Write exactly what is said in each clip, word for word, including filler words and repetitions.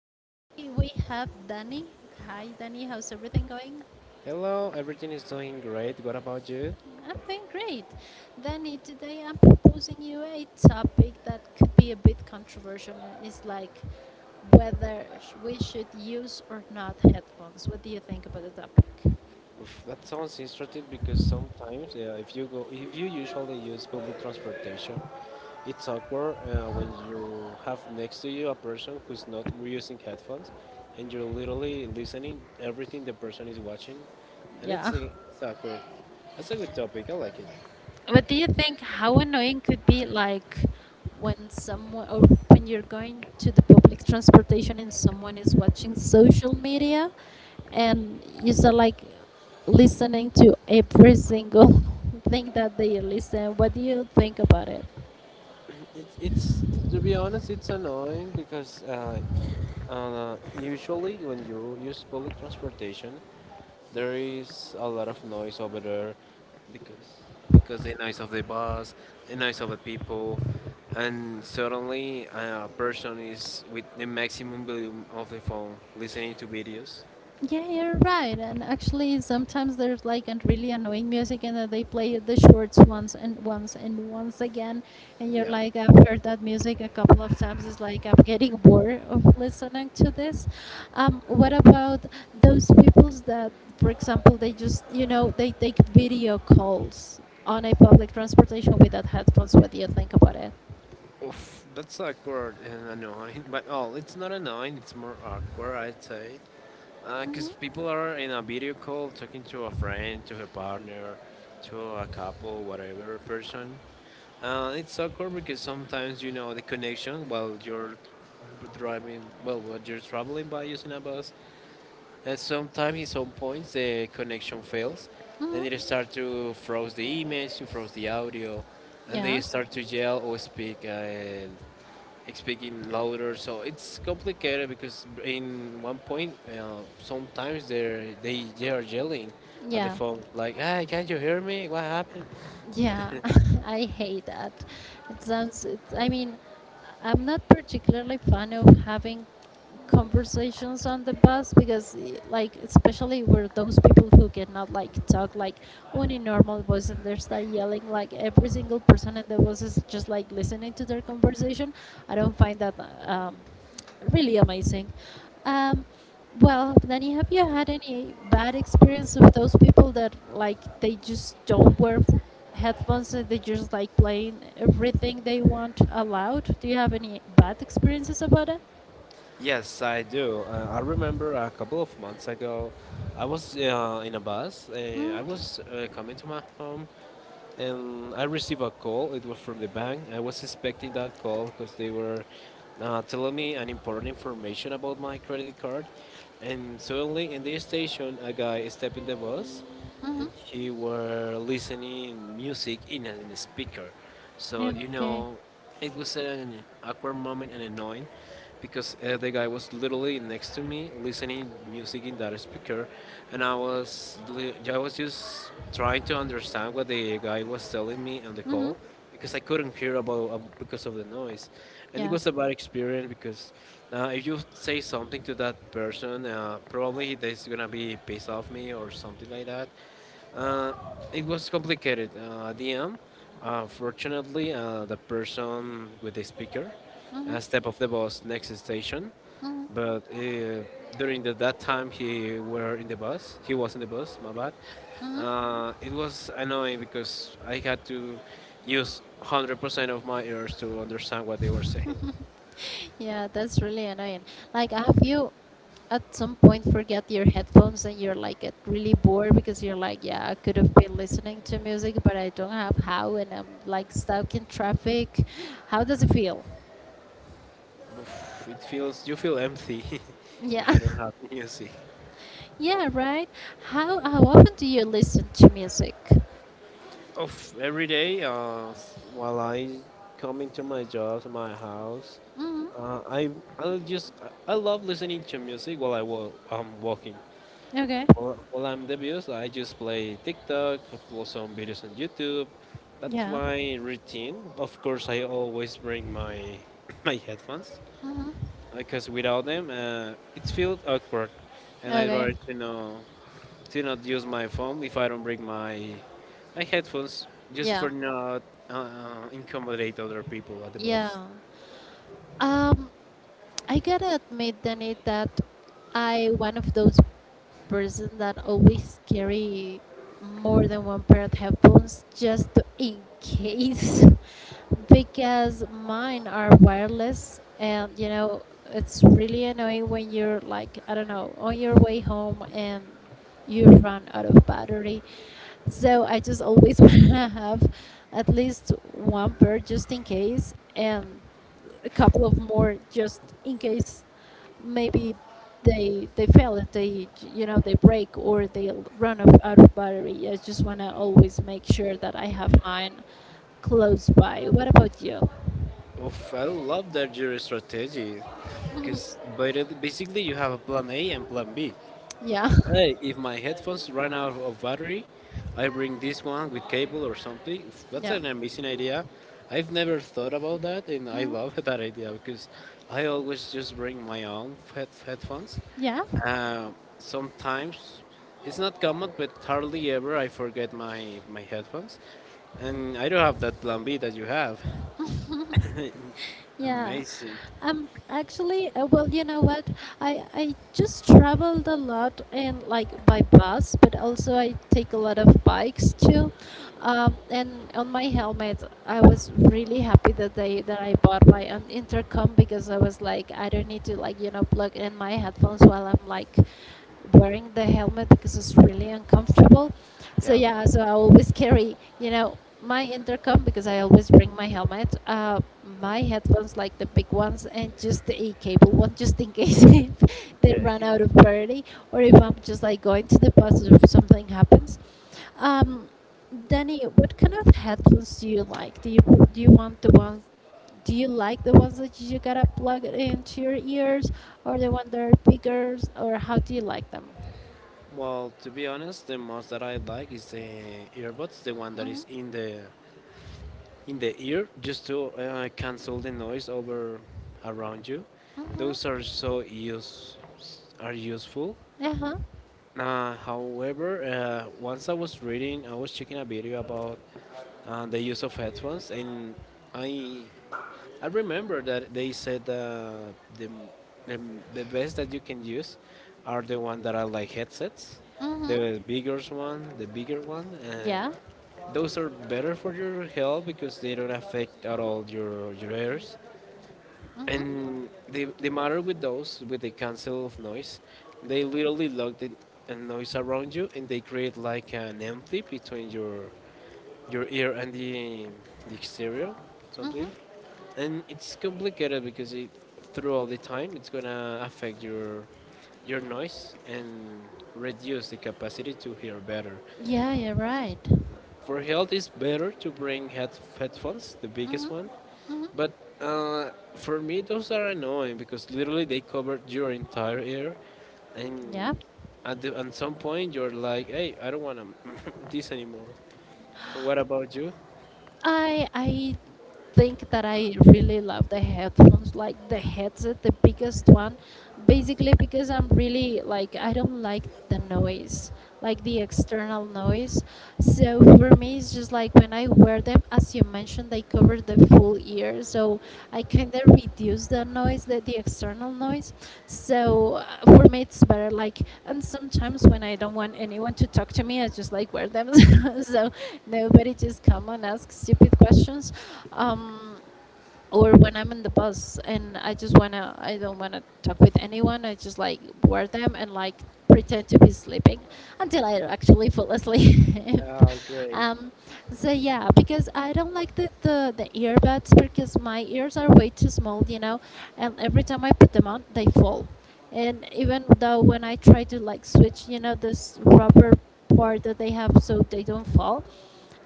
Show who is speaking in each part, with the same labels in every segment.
Speaker 1: Today we have Danny. Hi, Danny. How's everything going?
Speaker 2: Hello, everything is doing great. What about you?
Speaker 1: I'm doing great. Danny, today I'm proposing you a topic that could be a bit controversial, and it's like whether sh- we should use or not headphones. What do you think about the topic?
Speaker 2: Oof, that sounds interesting because sometimes uh, if you go, if you usually use public transportation, it's awkward uh, when you have next to you a person who's not using headphones, and you're literally listening everything the person is watching, and it's,
Speaker 1: Yeah.
Speaker 2: uh, it's awkward. That's a good topic. I like it.
Speaker 1: But do you think how annoying could be like when someone or when you're going to the public transportation and someone is watching social media and you start like listening to every single thing that they listen. What do you think about it?
Speaker 2: It's, it's to be honest, it's annoying because uh, uh, usually when you use public transportation, there is a lot of noise over there because because the noise of the bus, the noise of the people, and suddenly uh, a person is with the maximum volume of the phone listening to videos.
Speaker 1: Yeah, you're right. And actually, sometimes there's like an really annoying music, and then they play the shorts once and once and once again. And you're
Speaker 2: Yeah.
Speaker 1: like, I've heard that music a couple of times. It's like I'm getting bored of listening to this. Um, what about those peoples that, for example, they just, you know, they take video calls on a public transportation without headphones? What do you think about it?
Speaker 2: Oof, that's awkward and annoying. But oh, it's not annoying. It's more awkward, I'd say. Because uh, people are in a video call talking to a friend, to her partner, to a couple, whatever person. Uh, it's awkward because sometimes you know the connection while you're driving, well, while you're traveling by using a bus. And sometimes in some points the connection fails. Then they start to froze the image, to froze the audio, and they
Speaker 1: Yeah,
Speaker 2: start to yell or speak uh, speaking louder. So it's complicated because in one point, uh, sometimes they they they are yelling at the
Speaker 1: yeah.
Speaker 2: phone like, "Hey, can't you hear me? What happened?"
Speaker 1: Yeah, I hate that. It sounds, it's, I mean, I'm not particularly fan of having conversations on the bus because eh, like especially were those people who cannot like talk like on a normal voice and they start yelling like every single person in the bus is just like listening to their conversation. I don't find that uh, um, really amazing. um, well, Danny, have you had any bad experience with those people that like they just don't wear headphones and they just like playing everything they want aloud? Do you have any bad experiences about it?
Speaker 2: Yes, I do. Uh, I remember a couple of months ago, I was uh, in a bus. Uh, I
Speaker 1: Mhm.
Speaker 2: was uh, coming to my home, and I received a call. It was from the bank. I was expecting that call because they were uh, telling me an important information about my credit card. And suddenly, in the station, a guy stepped in the bus,
Speaker 1: Mm-hmm.
Speaker 2: and he were listening music in a, in a speaker. So
Speaker 1: Yeah,
Speaker 2: you
Speaker 1: okay.
Speaker 2: know, it was an awkward moment and annoying because uh, the guy was literally next to me listening music in that speaker, and I was li- I was just trying to understand what the guy was telling me on the
Speaker 1: Mm-hmm.
Speaker 2: call because I couldn't hear about uh, because of the noise, and it
Speaker 1: Yeah.
Speaker 2: was a bad experience because uh, if you say something to that person, uh, probably they's gonna be pissed off me or something like that. Uh, it was complicated. Uh, at the end, uh, fortunately, uh, the person with the speaker uh, step of the bus next station.
Speaker 1: Mm-hmm.
Speaker 2: But uh, during the, that time he were in the bus, he was in the bus. My bad.
Speaker 1: Mm-hmm.
Speaker 2: Uh, it was annoying because I had to use one hundred percent of my ears to understand what they were saying.
Speaker 1: Yeah, that's really annoying. Like, have you at some point forget your headphones and you're like get really bored because you're like, yeah, I could have been listening to music, but I don't have how, and I'm like stuck in traffic. How does it feel?
Speaker 2: Oof, it feels you feel empty if
Speaker 1: Yeah,
Speaker 2: you don't have music.
Speaker 1: yeah, right. How how often do you listen to music?
Speaker 2: Of every day, uh, while I coming to my job to my house, uh, I I just I I love listening to music while I wa- I'm walking.
Speaker 1: Okay.
Speaker 2: Well, well, I'm devious. I just play TikTok, upload some videos on YouTube. That's
Speaker 1: Yeah.
Speaker 2: my routine. Of course, I always bring my my headphones
Speaker 1: Mm-hmm.
Speaker 2: because without them, uh, it feels awkward, and I'd
Speaker 1: Okay.
Speaker 2: rather to know to not use my phone if I don't bring my my headphones, just
Speaker 1: Yeah.
Speaker 2: for not uh, incommodate other people at the bus.
Speaker 1: Yeah. Um. I gotta admit, Danny, that I one of those person that always carry more than one pair of headphones just to- in case, because mine are wireless, and you know it's really annoying when you're like I don't know on your way home and you run out of battery, so I just always wanna have at least one pair just in case and a couple of more just in case maybe they they fail and they you know they break or they l- run off out of battery. I just wanna always make sure that I have mine close by. What about you?
Speaker 2: Oof, I love that jury strategy because basically you have a plan A and plan B.
Speaker 1: Yeah.
Speaker 2: Hey, if my headphones run out of battery, I bring this one with cable or something. That's
Speaker 1: Yeah.
Speaker 2: an amazing idea. I've never thought about that, and I love that idea because I always just bring my own head- headphones.
Speaker 1: Yeah.
Speaker 2: Um, sometimes it's not common, but hardly ever I forget my my headphones, and I don't have that plan B that you have.
Speaker 1: Yeah.
Speaker 2: amazing.
Speaker 1: Um, actually, uh, well, you know what? I I just traveled a lot and like by bus, but also I take a lot of bikes too. Um, and on my helmet, I was really happy that they that I bought my an intercom because I was like, I don't need to like you know plug in my headphones while I'm like wearing the helmet because it's really uncomfortable. So
Speaker 2: Yeah.
Speaker 1: yeah, so I always carry, you know, my intercom because I always bring my helmet, uh, my headphones like the big ones, and just a cable one just in case if they
Speaker 2: Okay.
Speaker 1: run out of battery or if I'm just like going to the bus or if something happens. Um, Danny, what kind of headphones do you like? Do you do you want the ones do you like the ones that you gotta plug it into your ears, or the ones that are bigger, or how do you like them?
Speaker 2: Well, to be honest, the most that I like is the earbuds, the one that
Speaker 1: Mhm.
Speaker 2: is in the in the ear, just to uh, cancel the noise over around you. Those
Speaker 1: Mhm.
Speaker 2: are so use are useful.
Speaker 1: Uh huh.
Speaker 2: Uh, however, uh, once I was reading, I was checking a video about uh, the use of headphones, and I I remember that they said uh, the, the the best that you can use are the ones that are like headsets,
Speaker 1: Mhm.
Speaker 2: the bigger one, the bigger one. Uh,
Speaker 1: Yeah.
Speaker 2: those are better for your health because they don't affect at all your your ears. And the the matter with those with the cancel of noise, they literally lock the uh, noise around you and they create like an empty between your your ear and the the exterior, something and it's complicated because it through all the time it's gonna affect your your noise and reduce the capacity to hear better.
Speaker 1: Yeah. You're right.
Speaker 2: For health, it's better to bring head headphones, the biggest one,
Speaker 1: Mhm.
Speaker 2: but uh, for me those are annoying because literally they cover your entire ear,
Speaker 1: Yeah.
Speaker 2: and at the, at some point you're like, hey, I don't want to this anymore. And what about you?
Speaker 1: I I think that I really love the headphones, like the headset, the biggest one, basically because I'm really like I don't like the noise, like the external noise. So for me, it's just like when I wear them, as you mentioned, they cover the whole ear. So I kind of reduce the noise, the, the external noise. So uh, for me, it's better. Like, and sometimes when I don't want anyone to talk to me, I just like wear them. so nobody just come and ask stupid questions. Um, or when I'm in the bus and I just wanna, I don't wanna talk with anyone. I just like wear them and like pretend to be sleeping until I actually fall asleep.
Speaker 2: Oh, great.
Speaker 1: um, so yeah, because I don't like the, the the earbuds because my ears are way too small, you know, and every time I put them on, they fall. And even though when I try to like switch, you know, this rubber part that they have so they don't fall,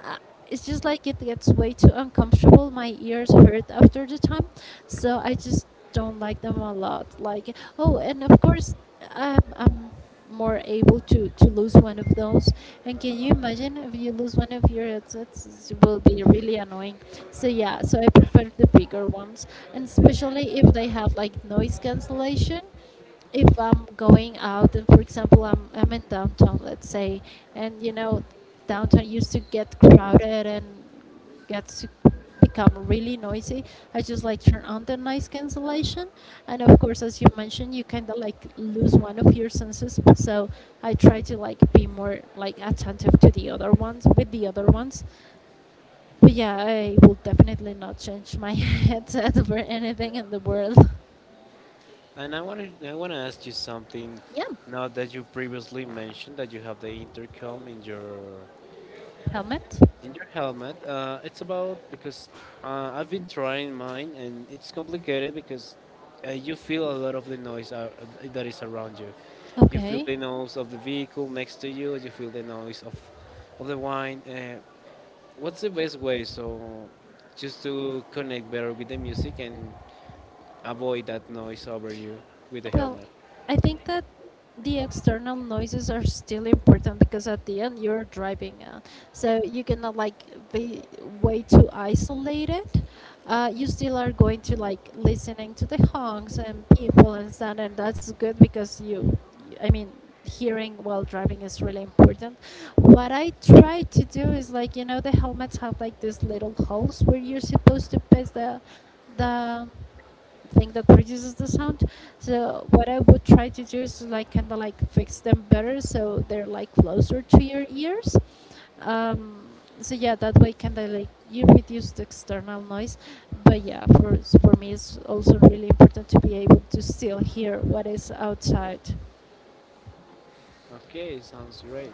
Speaker 1: uh, it's just like it gets way too uncomfortable. My ears hurt after the time, so I just don't like them a lot. Like, oh, and of course, I'm, I'm more able to to lose one of those. And can you imagine if you lose one of your headsets? It will be really annoying. So yeah, so I prefer the bigger ones, and especially if they have like noise cancellation if I'm going out and for example I'm I'm in downtown let's say, and you know downtown used to get crowded and gets to become really noisy. I just like turn on the noise cancellation, and of course as you mentioned you kind of like lose one of your senses, so I try to like be more like attentive to the other ones with the other ones. But yeah, I will definitely not change my headset for anything in the world.
Speaker 2: And I want to I want to ask you something.
Speaker 1: Yeah.
Speaker 2: Now that you previously mentioned that you have the intercom in your
Speaker 1: Helmet.
Speaker 2: in your helmet, uh, it's about because uh, I've been trying mine and it's complicated because uh, you feel a lot of the noise uh, that is around you. You feel
Speaker 1: Okay.
Speaker 2: the noise of the vehicle next to you. You feel the noise of of the wine. Uh, what's the best way so just to connect better with the music and avoid that noise over you with the
Speaker 1: Well,
Speaker 2: helmet?
Speaker 1: I think that the external noises are still important because at the end you're driving, uh, so you cannot like be way too isolated. Uh, you still are going to like listening to the honks and people and sound, and that's good because you, I mean, hearing while driving is really important. What I try to do is like you know the helmets have like these little holes where you're supposed to place the the thing that produces the sound. So what I would try to do is like kind of like fix them better so they're like closer to your ears. Um, so yeah, that way kind of like you reduce the external noise. But yeah, for for me it's also really important to be able to still hear what is outside.
Speaker 2: Okay, sounds great.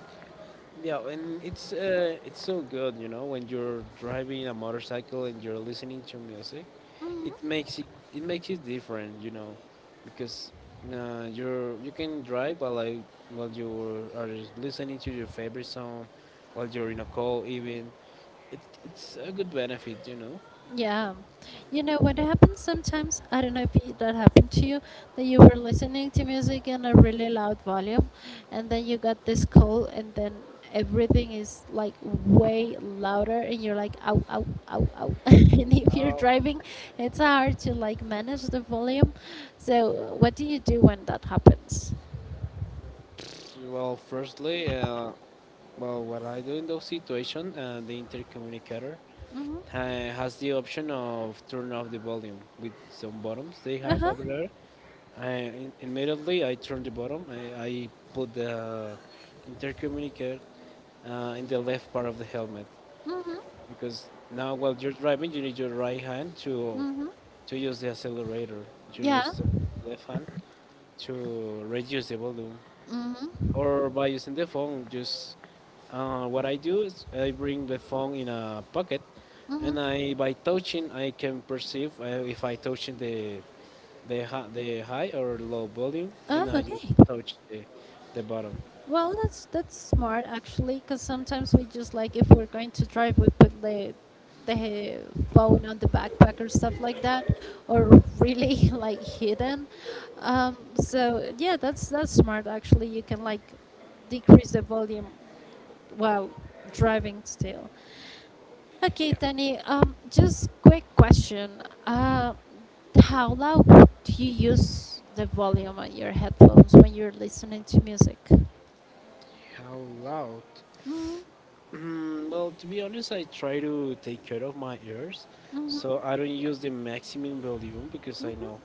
Speaker 2: Yeah, and it's uh, it's so good, you know, when you're driving a motorcycle and you're listening to music, it makes it it makes it different, you know, because uh, you're you can drive while I, while you are listening to your favorite song, while you're in a call even. It, it's a good benefit, you know.
Speaker 1: Yeah. You know what happens sometimes? I don't know if it- that happened to you, that you were listening to music in a really loud volume, and then you got this call, and then everything is like way louder, and you're like, ow, ow, ow, ow. and if you're
Speaker 2: Uh,
Speaker 1: driving, it's hard to like manage the volume. So, what do you do when that happens?
Speaker 2: well, firstly, uh, well, what I do in those situations, uh, the intercommunicator uh,
Speaker 1: Mm-hmm.
Speaker 2: has the option of turn off the volume with some buttons they
Speaker 1: Uh
Speaker 2: have
Speaker 1: huh.
Speaker 2: over there. I, immediately I turn the bottom. I, I put the intercommunicator uh, in the left part of the helmet because now while you're driving you need your right hand to to use the accelerator. You
Speaker 1: Yeah.
Speaker 2: use the left hand to reduce the volume or by using the phone just uh, what I do is I bring the phone in a pocket
Speaker 1: Mm-hmm.
Speaker 2: and I by touching I can perceive uh, if I touching the the, hi- the high or low volume
Speaker 1: Oh,
Speaker 2: and I just
Speaker 1: okay.
Speaker 2: touch the, the bottom.
Speaker 1: Well, that's that's smart actually, because sometimes we just like if we're going to drive, we put the the phone on the backpack or stuff like that, or really like hidden. Um, so yeah, that's that's smart actually. You can like decrease the volume while driving still. Okay,
Speaker 2: Yeah.
Speaker 1: Tani. Um, just quick question. Uh, how loud do you use the volume on your headphones when you're listening to music?
Speaker 2: How loud?
Speaker 1: Mm-hmm.
Speaker 2: Mm, well, to be honest, I try to take care of my ears, so I don't use the maximum volume because I know,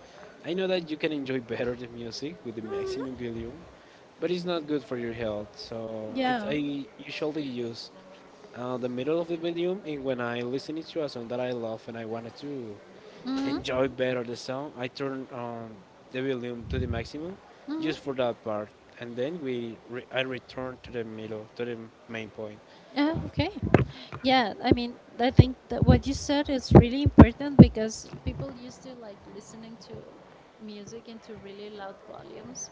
Speaker 2: I know that you can enjoy better the music with the maximum volume, but it's not good for your health. So it,
Speaker 1: Yeah.
Speaker 2: I usually use uh, the middle of the volume, and when I listen it to a song that I love and I wanted to
Speaker 1: Mm-hmm.
Speaker 2: enjoy better the sound, I turn on the volume to the maximum,
Speaker 1: Mm-hmm.
Speaker 2: just for that part, and then we re- I return to the middle to the main point.
Speaker 1: Yeah, okay. Yeah, I mean, I think that what you said is really important because people used to like listening to music into really loud volumes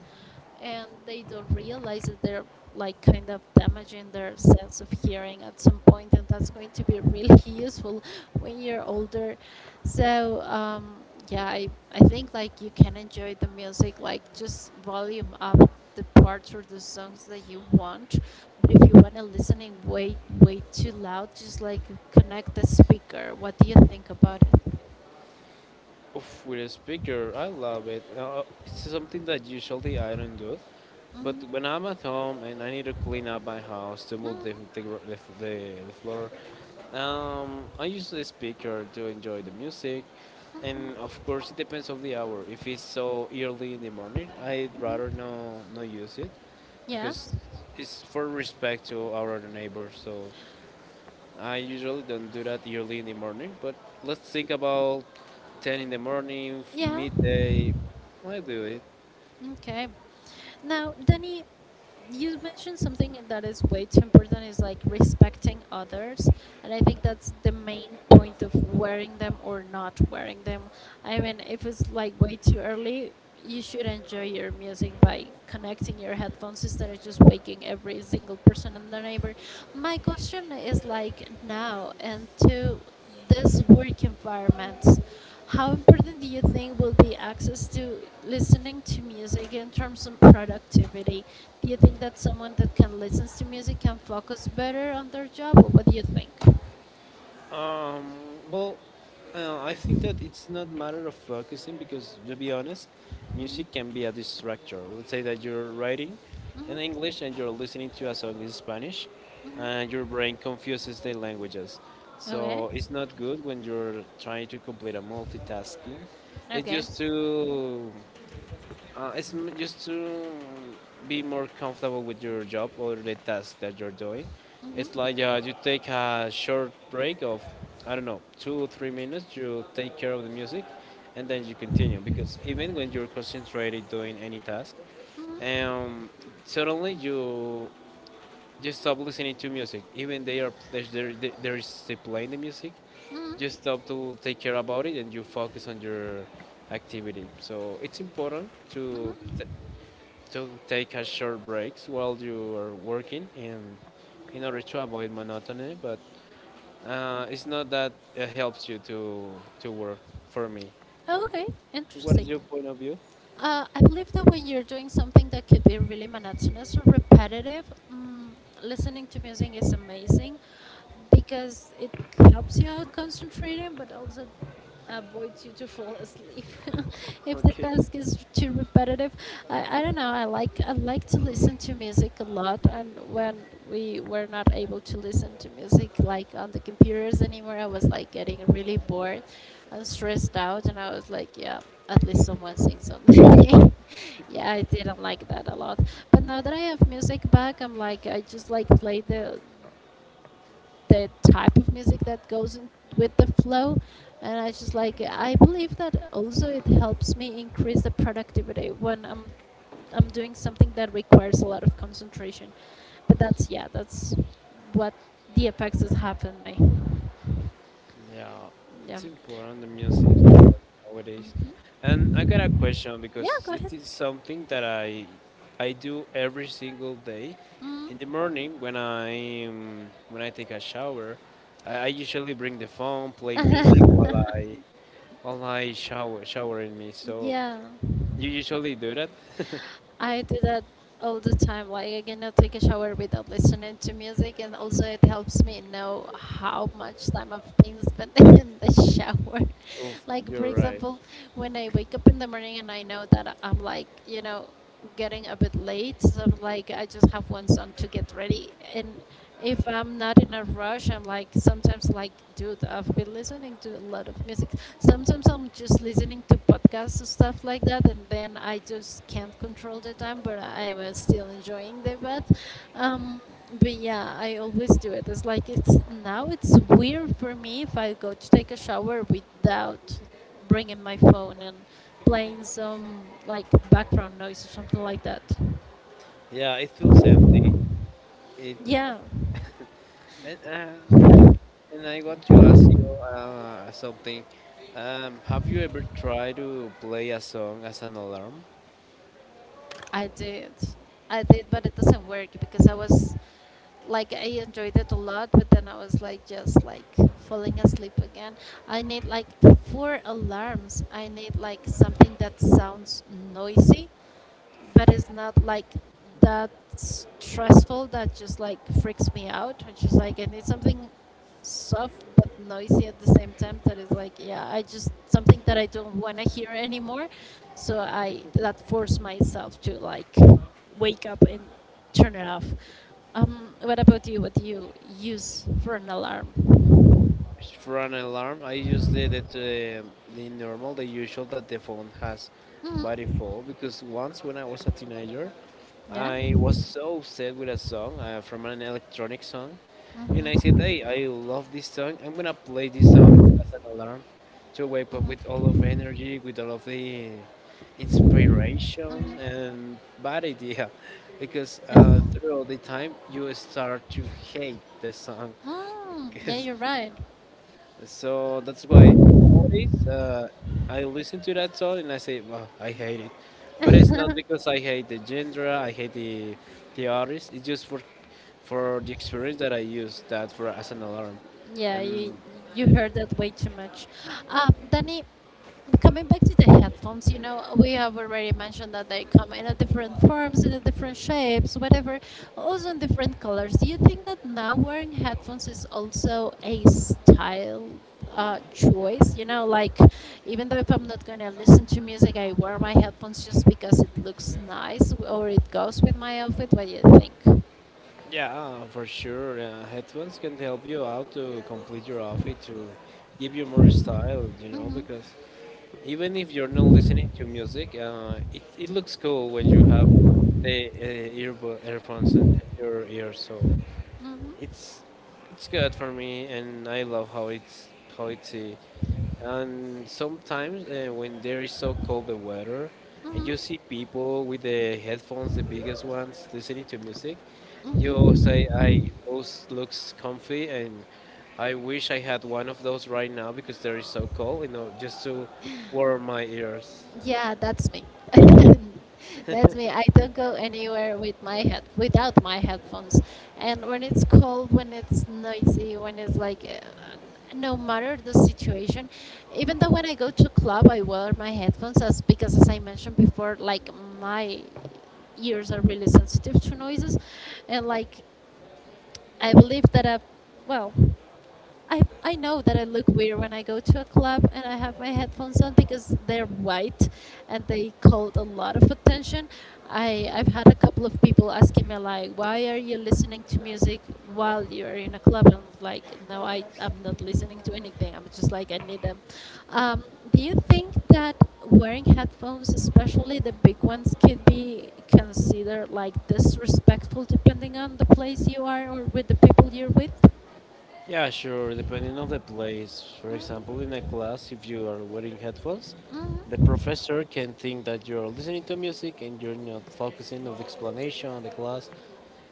Speaker 1: and they don't realize that they're like kind of damaging their sense of hearing at some point, and that's going to be really useful when you're older. So um, yeah, I, I think like you can enjoy the music like just volume up the parts or the songs that you want, but if you want to listen it way way too loud just like connect the speaker. What do you think about it?
Speaker 2: Oof, with a speaker, I love it. Uh, it's something that usually I don't do. But when I'm at home and I need to clean up my house to move the the, the, the, the floor, um, I use the speaker to enjoy the music, and of course it depends of the hour. If it's so early in the morning, I'd rather no not use it
Speaker 1: Yeah,
Speaker 2: because it's for respect to our neighbors. So I usually don't do that early in the morning, but let's think about ten in the morning,
Speaker 1: yeah.
Speaker 2: midday. I do it.
Speaker 1: Okay. Now, Danny, you mentioned something that is way too important is like respecting others. And I think that's the main point of wearing them or not wearing them. I mean, if it's like way too early, you should enjoy your music by connecting your headphones instead of just waking every single person in the neighbor. My question is like now and to this work environment, how important do you think will be access to listening to music in terms of productivity? Do you think that someone that can listen to music can focus better on their job? What do you think?
Speaker 2: Um, well, uh, I think that it's not matter of focusing because, to be honest, music can be a distractor. Let's say that you're writing in English and you're listening to a song in Spanish, and your brain confuses the languages.
Speaker 1: Okay.
Speaker 2: So it's not good when you're trying to complete a multitasking. It's
Speaker 1: Okay.
Speaker 2: just to Uh, it's m- just to be more comfortable with your job or the task that you're doing.
Speaker 1: Hmm.
Speaker 2: It's like uh, you take a short break of, I don't know, two or three minutes, you take care of the music, and then you continue. Because even when you're concentrated doing any task, um, suddenly you just stop listening to music even they are there there there is they playing the music just stop to take care about it and you focus on your activity, so it's important to t- to take a short breaks while you are working and in order to avoid monotony, but uh, it's not that it helps you to to work for me.
Speaker 1: Okay. Interesting. Uh, I believe that when you're doing something that could be really monotonous or repetitive, mm, listening to music is amazing because it helps you out concentrating, but also avoids you to fall asleep if the task is too repetitive. I, I don't know. I like I like to listen to music a lot, and when we were not able to listen to music like on the computers anymore, I was like getting really bored. I was stressed out and I was like, yeah, at least someone sings on me. Yeah, I didn't like that a lot. But now that I have music back, I'm like, I just like play the the type of music that goes in with the flow. And I just like, I believe that also it helps me increase the productivity when I'm I'm doing something that requires a lot of concentration. But that's yeah, that's what the effects has happened me.
Speaker 2: Yeah,
Speaker 1: Yeah.
Speaker 2: it's important the music nowadays.
Speaker 1: Hmm.
Speaker 2: And I got a question
Speaker 1: Yeah,
Speaker 2: because
Speaker 1: go
Speaker 2: it
Speaker 1: ahead.
Speaker 2: is something that I I do every single day.
Speaker 1: Mm.
Speaker 2: In the morning when I um, when I take a shower, I, I usually bring the phone, play music while I while I shower showering me. So
Speaker 1: Yeah,
Speaker 2: you usually do that?
Speaker 1: I do that all the time. Like I cannot take a shower without listening to music, and also it helps me know how much time I've been spending in the shower.
Speaker 2: Oh,
Speaker 1: Like for
Speaker 2: you're right.
Speaker 1: example, when I wake up in the morning and I know that I'm like, you know, getting a bit late, so I'm like, I just have one song to get ready. And if I'm not in a rush, I'm like, sometimes like, dude, I've been listening to a lot of music. Sometimes I'm just listening to podcasts and stuff like that, and then I just can't control the time, but I am uh, still enjoying the bath. Um, but yeah, I always do it. It's like it's now it's weird for me if I go to take a shower without bringing my phone and playing some like background noise or something like that.
Speaker 2: Yeah, it feels empty. It
Speaker 1: Yeah,
Speaker 2: and, uh, And I want to ask you uh, something. Um, have you ever tried to play a song as an alarm?
Speaker 1: I did. I did, but it doesn't work because I was like I enjoyed it a lot, but then I was like just like falling asleep again. I need like four alarms. I need like something that sounds noisy but it's not like that stressful that just like freaks me out. I just like I need something soft but noisy at the same time that is like yeah I just something that I don't want to hear anymore so I that forced myself to like wake up and turn it off. Um what about you? What do you use for an alarm?
Speaker 2: For an alarm, I use the the, the, the normal, the usual that the phone has by
Speaker 1: Hmm.
Speaker 2: default. Because once when I was a teenager,
Speaker 1: Yeah.
Speaker 2: I was so upset with a song uh, from an electronic song, and I said, "Hey, I love this song. I'm gonna play this song as an alarm to wake up with all of energy, with all of the inspiration and bad idea, because uh,
Speaker 1: Mm.
Speaker 2: throughout the time you start to hate the song."
Speaker 1: Mm, yeah,
Speaker 2: 'Cause
Speaker 1: you're right.
Speaker 2: so that's why nowadays uh, I listen to that song and I say, well, I hate it. But it's not because I hate the genre, I hate the, the artist. It's just for for the experience that I use that for as an alarm.
Speaker 1: Yeah, you
Speaker 2: And
Speaker 1: you heard that way too much. Um, Danny, coming back to the headphones, you know, we have already mentioned that they come in a different forms, in a different shapes, whatever, also in different colors. Do you think that now wearing headphones is also a style uh, choice? You know, like even though if I'm not gonna listen to music, I wear my headphones just because it looks nice or it goes with my outfit. What do you think?
Speaker 2: yeah, uh, for sure, uh, headphones can help you out to complete your outfit, to give you more style, you know, because even if you're not listening to music, uh, it, it looks cool when you have the uh, earbu- earphones in your ear, so. It's it's good for me, and I love how it's how it's. Uh, and sometimes uh, when there is so cold the weather, and
Speaker 1: Mm-hmm.
Speaker 2: you see people with the headphones, the biggest ones, listening to music, you say, "I those looks comfy," and I wish I had one of those right now because there is so cold, you know, just to warm my ears.
Speaker 1: Yeah, that's me. That's me. I don't go anywhere with my head without my headphones. And when it's cold, when it's noisy, when it's like uh, no matter the situation, even though when I go to club, I wear my headphones as because as I mentioned before, like my ears are really sensitive to noises, and like I believe that I, well. I, I know that I look weird when I go to a club and I have my headphones on because they're white and they called a lot of attention. I, I've had a couple of people asking me like, why are you listening to music while you're in a club? And I'm like, no, I, I'm not listening to anything. I'm just like, I need them. Um, do you think that wearing headphones, especially the big ones, could be considered like disrespectful depending on the place you are or with the people you're with?
Speaker 2: Yeah, sure, depending on the place. For
Speaker 1: Mhm,
Speaker 2: example, in a class, if you are wearing headphones, the
Speaker 1: mhm.
Speaker 2: professor can think that you're listening to music and you're not focusing on the explanation of the class,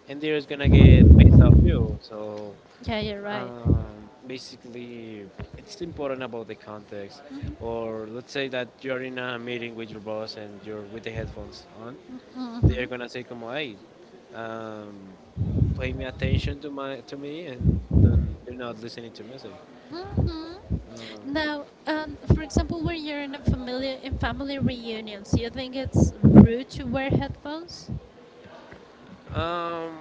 Speaker 2: and they're just gonna get pissed off you. So,
Speaker 1: Yeah, you're right.
Speaker 2: um, basically, it's important about the context. Or let's say that you're in a meeting with your boss and you're with the headphones on, they're
Speaker 1: Hmm.
Speaker 2: gonna say, "Como, hey, um, paying attention to my to me and don't, they're not listening to music.
Speaker 1: Hmm. Now, um, for example, when you're in a family in family reunions, do you think it's rude to wear headphones?
Speaker 2: Um,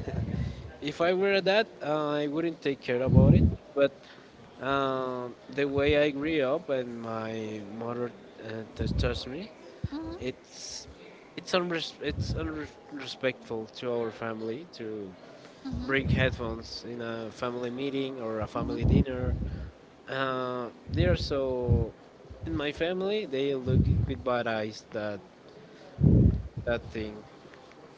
Speaker 2: if I were that, I wouldn't take care about it. But um, the way I grew up and my mother uh, t- taught me,
Speaker 1: Hmm.
Speaker 2: it's it's unres- it's unrespectful to our family to bring
Speaker 1: Hmm.
Speaker 2: headphones in a family meeting or a family dinner. Uh, they are so in my family they look with bad eyes that that thing.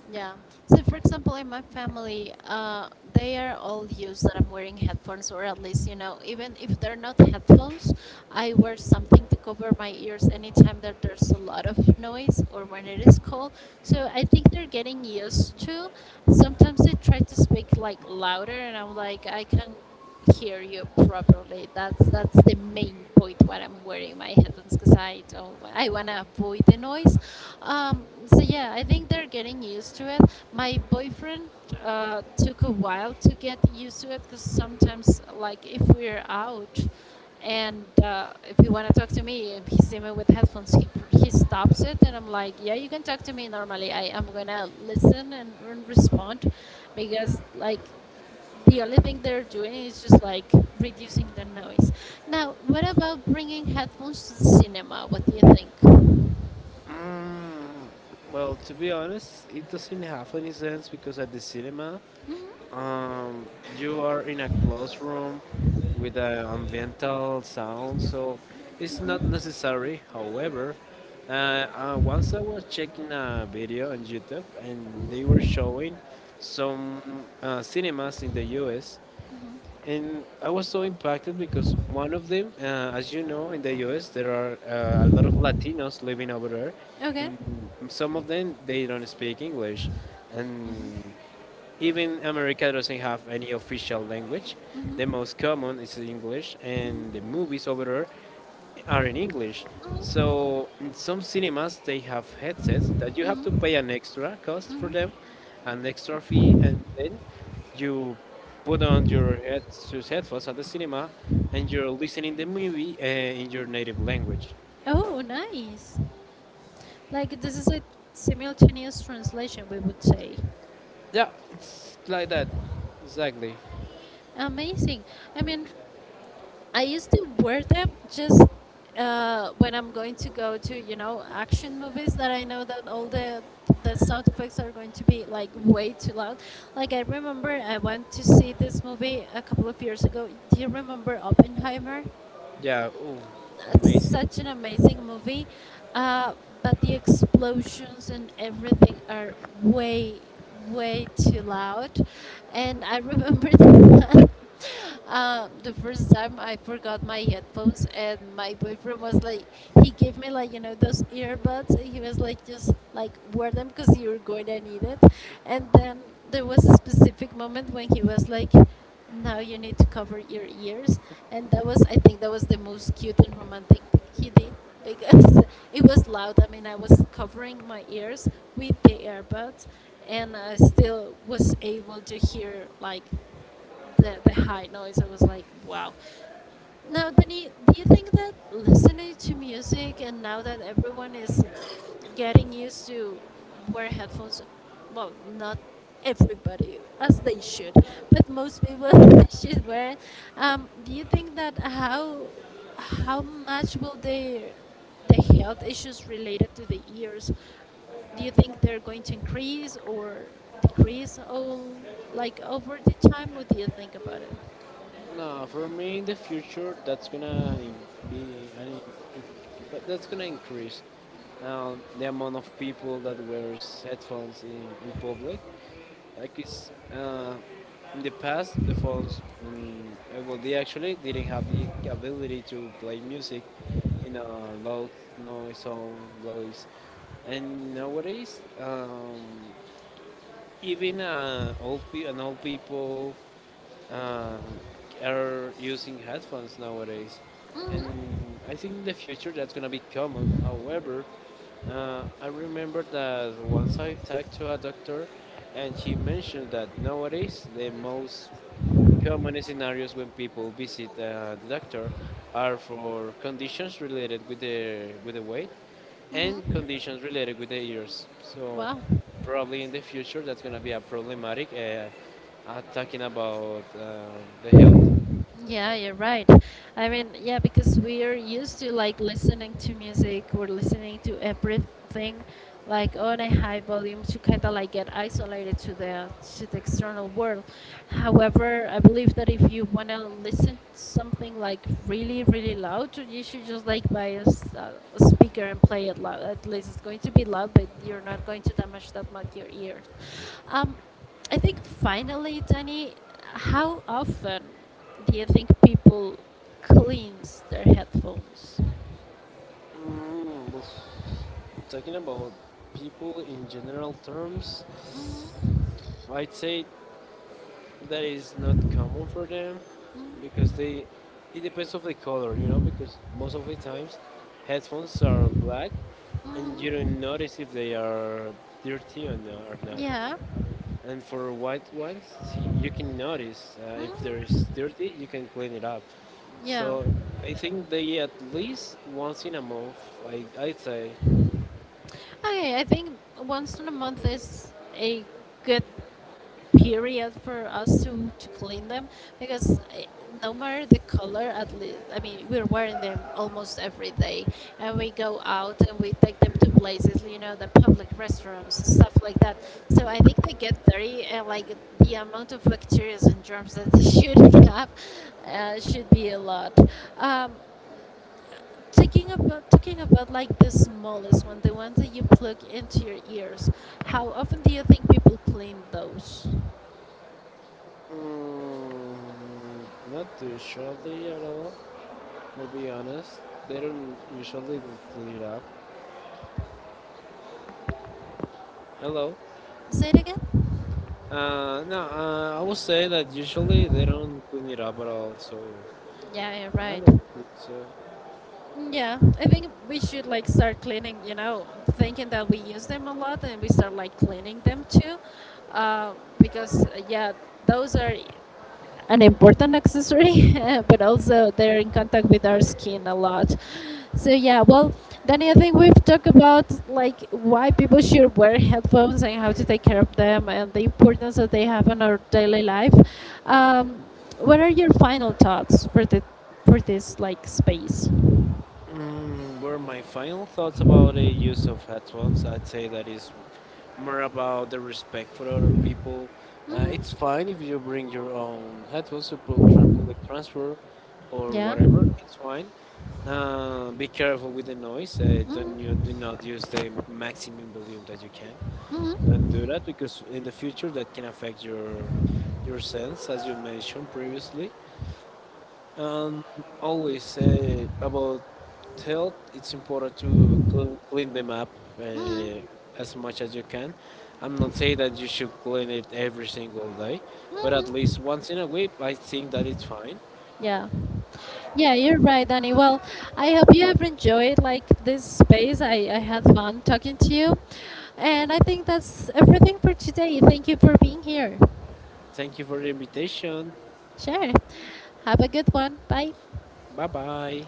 Speaker 1: Yeah. So, for example, in my family, uh, they are all used that I'm wearing headphones, or at least, you know, even if they're not headphones, I wear something to cover my ears anytime that there's a lot of noise or when it is cold. So, I think they're getting used to. Sometimes they try to speak like louder, and I'm like, I can hear you properly. That's that's the main point when I'm wearing my headphones because I don't I wanna avoid the noise. Um, so yeah, I think they're getting used to it. My boyfriend uh, took a while to get used to it because sometimes, like, if we're out and uh, if you want to talk to me and he sees me with headphones, he, he stops it and I'm like, yeah, you can talk to me normally. I am gonna listen and, and respond because, like, the only thing they're doing is just like reducing the noise. Now, what about bringing headphones to the cinema? What do you think?
Speaker 2: Mm, well, to be honest, it doesn't have any sense because at the cinema, um, you are in a closed room with an ambiental sound, so it's not necessary. However, uh, uh, once I was checking a video on YouTube and they were showing some uh, cinemas in the U S and I was so impacted because one of them, uh, as you know, in the U S, there are uh, a lot of Latinos living over there,
Speaker 1: Okay.
Speaker 2: and some of them they don't speak English, and even America doesn't have any official language. The most common is English, and the movies over there are in English.
Speaker 1: Mhm,
Speaker 2: So in some cinemas they have headsets that you have to
Speaker 1: mhm.
Speaker 2: pay an extra cost for
Speaker 1: Mhm.
Speaker 2: them, an extra fee, and then you put on your head your headphones at the cinema, and you're listening the movie uh, in your native language.
Speaker 1: Oh, nice. Like this is a simultaneous translation, we would say.
Speaker 2: Yeah, it's like that, exactly.
Speaker 1: Amazing. I mean, I used to wear them just uh, when I'm going to go to, you know, action movies that I know that all the the sound effects are going to be like way too loud. Like I remember I went to see this movie a couple of years ago. Do you remember Oppenheimer?
Speaker 2: Yeah, ooh,
Speaker 1: That's
Speaker 2: amazing.
Speaker 1: such an amazing movie, uh, but the explosions and everything are way, way too loud. And I remember that, um, the first time I forgot my headphones, and my boyfriend was like, he gave me like you know those earbuds. And he was like, just like wear them because you're going to need it. And then there was a specific moment when he was like. Now you need to cover your ears. And that was, I think, that was the most cute and romantic thing he did because it was loud. I mean, I was covering my ears with the earbuds and I still was able to hear like the, the high noise. I was like, wow. Now, Danny, do you think that listening to music and now that everyone is getting used to wear headphones, well, not everybody as they should, but most people should wear. It, Um, do you think that how how much will the the health issues related to the ears? Do you think they're going to increase or decrease all like over the time? What do you think about it?
Speaker 2: No, for me in the future that's gonna in- be, an in- in- but that's gonna increase uh, the amount of people that wears headphones in, in public. Like it's uh, in the past, the phones, mm, uh, well, they actually didn't have the ability to play music in a loud noise or noise. And nowadays, um, even uh, old pe- and old people uh, are using headphones nowadays, and I think in the future that's gonna be common. However, uh, I remember that once I talked to a doctor, and she mentioned that nowadays the most common scenarios when people visit uh, the doctor are for conditions related with the with the weight and conditions related with the ears. So
Speaker 1: Wow.
Speaker 2: probably in the future that's going to be a problematic uh, uh, talking about uh, the health.
Speaker 1: Yeah, you're right. I mean, yeah, because we are used to like listening to music, we're listening to everything like on a high volume to kind of like get isolated to the to the external world. However, I believe that if you want to listen to something like really really loud, you should just like buy a, s- a speaker and play it loud. At least it's going to be loud, but you're not going to damage that much your ears. Um, I think finally, Danny, how often? Do you think people cleans their headphones?
Speaker 2: Mm, talking about people in general terms,
Speaker 1: Mm-hmm.
Speaker 2: I'd say that is not common for them because they it depends of the color, you know, because most of the times headphones are black and you don't
Speaker 1: Mm-hmm.
Speaker 2: notice if they are dirty or, no, or not,
Speaker 1: Yeah.
Speaker 2: and for white ones see, you can notice uh, if there is
Speaker 1: Mm-hmm.
Speaker 2: dirty you can clean it up.
Speaker 1: Yeah.
Speaker 2: So I think they at least once in a month i, I'd say.
Speaker 1: Okay, I think once in a month is a good period for us to to clean them because eh, no matter the color at least I mean we're wearing them almost every day and we go out and we take them to places you know the public restrooms, and stuff like that so I think they get dirty and like the amount of bacteria and germs that they should have uh, should be a lot. um, Taking about talking about like the smallest one, the ones that you plug into your ears. How often do you think people clean those?
Speaker 2: Mm, not too surely at all. To be honest, they don't usually clean it up. Hello.
Speaker 1: Say it again.
Speaker 2: Uh, no, uh, I would say that usually they don't clean it up at all. So
Speaker 1: Yeah, yeah,
Speaker 2: I
Speaker 1: right.
Speaker 2: don't think so.
Speaker 1: Yeah, I think we should like start cleaning, you know, thinking that we use them a lot and we start like cleaning them too. Uh, because, uh, yeah, those are an important accessory, but also they're in contact with our skin a lot. So yeah, well, Danny, I think we've talked about like why people should wear headphones and how to take care of them and the importance that they have on our daily life. Um, what are your final thoughts for the for this like space?
Speaker 2: Mm, were my final thoughts about the use of headphones? I'd say that is more about the respect for other people. Uh, it's fine if you bring your own headphones to pu- tran- public transport or
Speaker 1: Yeah.
Speaker 2: whatever. It's fine. Uh, be careful with the noise. Uh, don't, you do not use the maximum volume that you can, and do that because in the future that can affect your your sense as you mentioned previously. And always say about health, it's important to cl- clean them up uh,
Speaker 1: Mm-hmm.
Speaker 2: as much as you can. I'm not saying that you should clean it every single day, but at least once in a week I think that it's fine.
Speaker 1: Yeah. Yeah, you're right, Danny. Well, I hope you have enjoyed like this space. I, I had fun talking to you. And I think that's everything for today. Thank you for being here.
Speaker 2: Thank you for the invitation.
Speaker 1: Sure. Have a good one. Bye.
Speaker 2: Bye bye.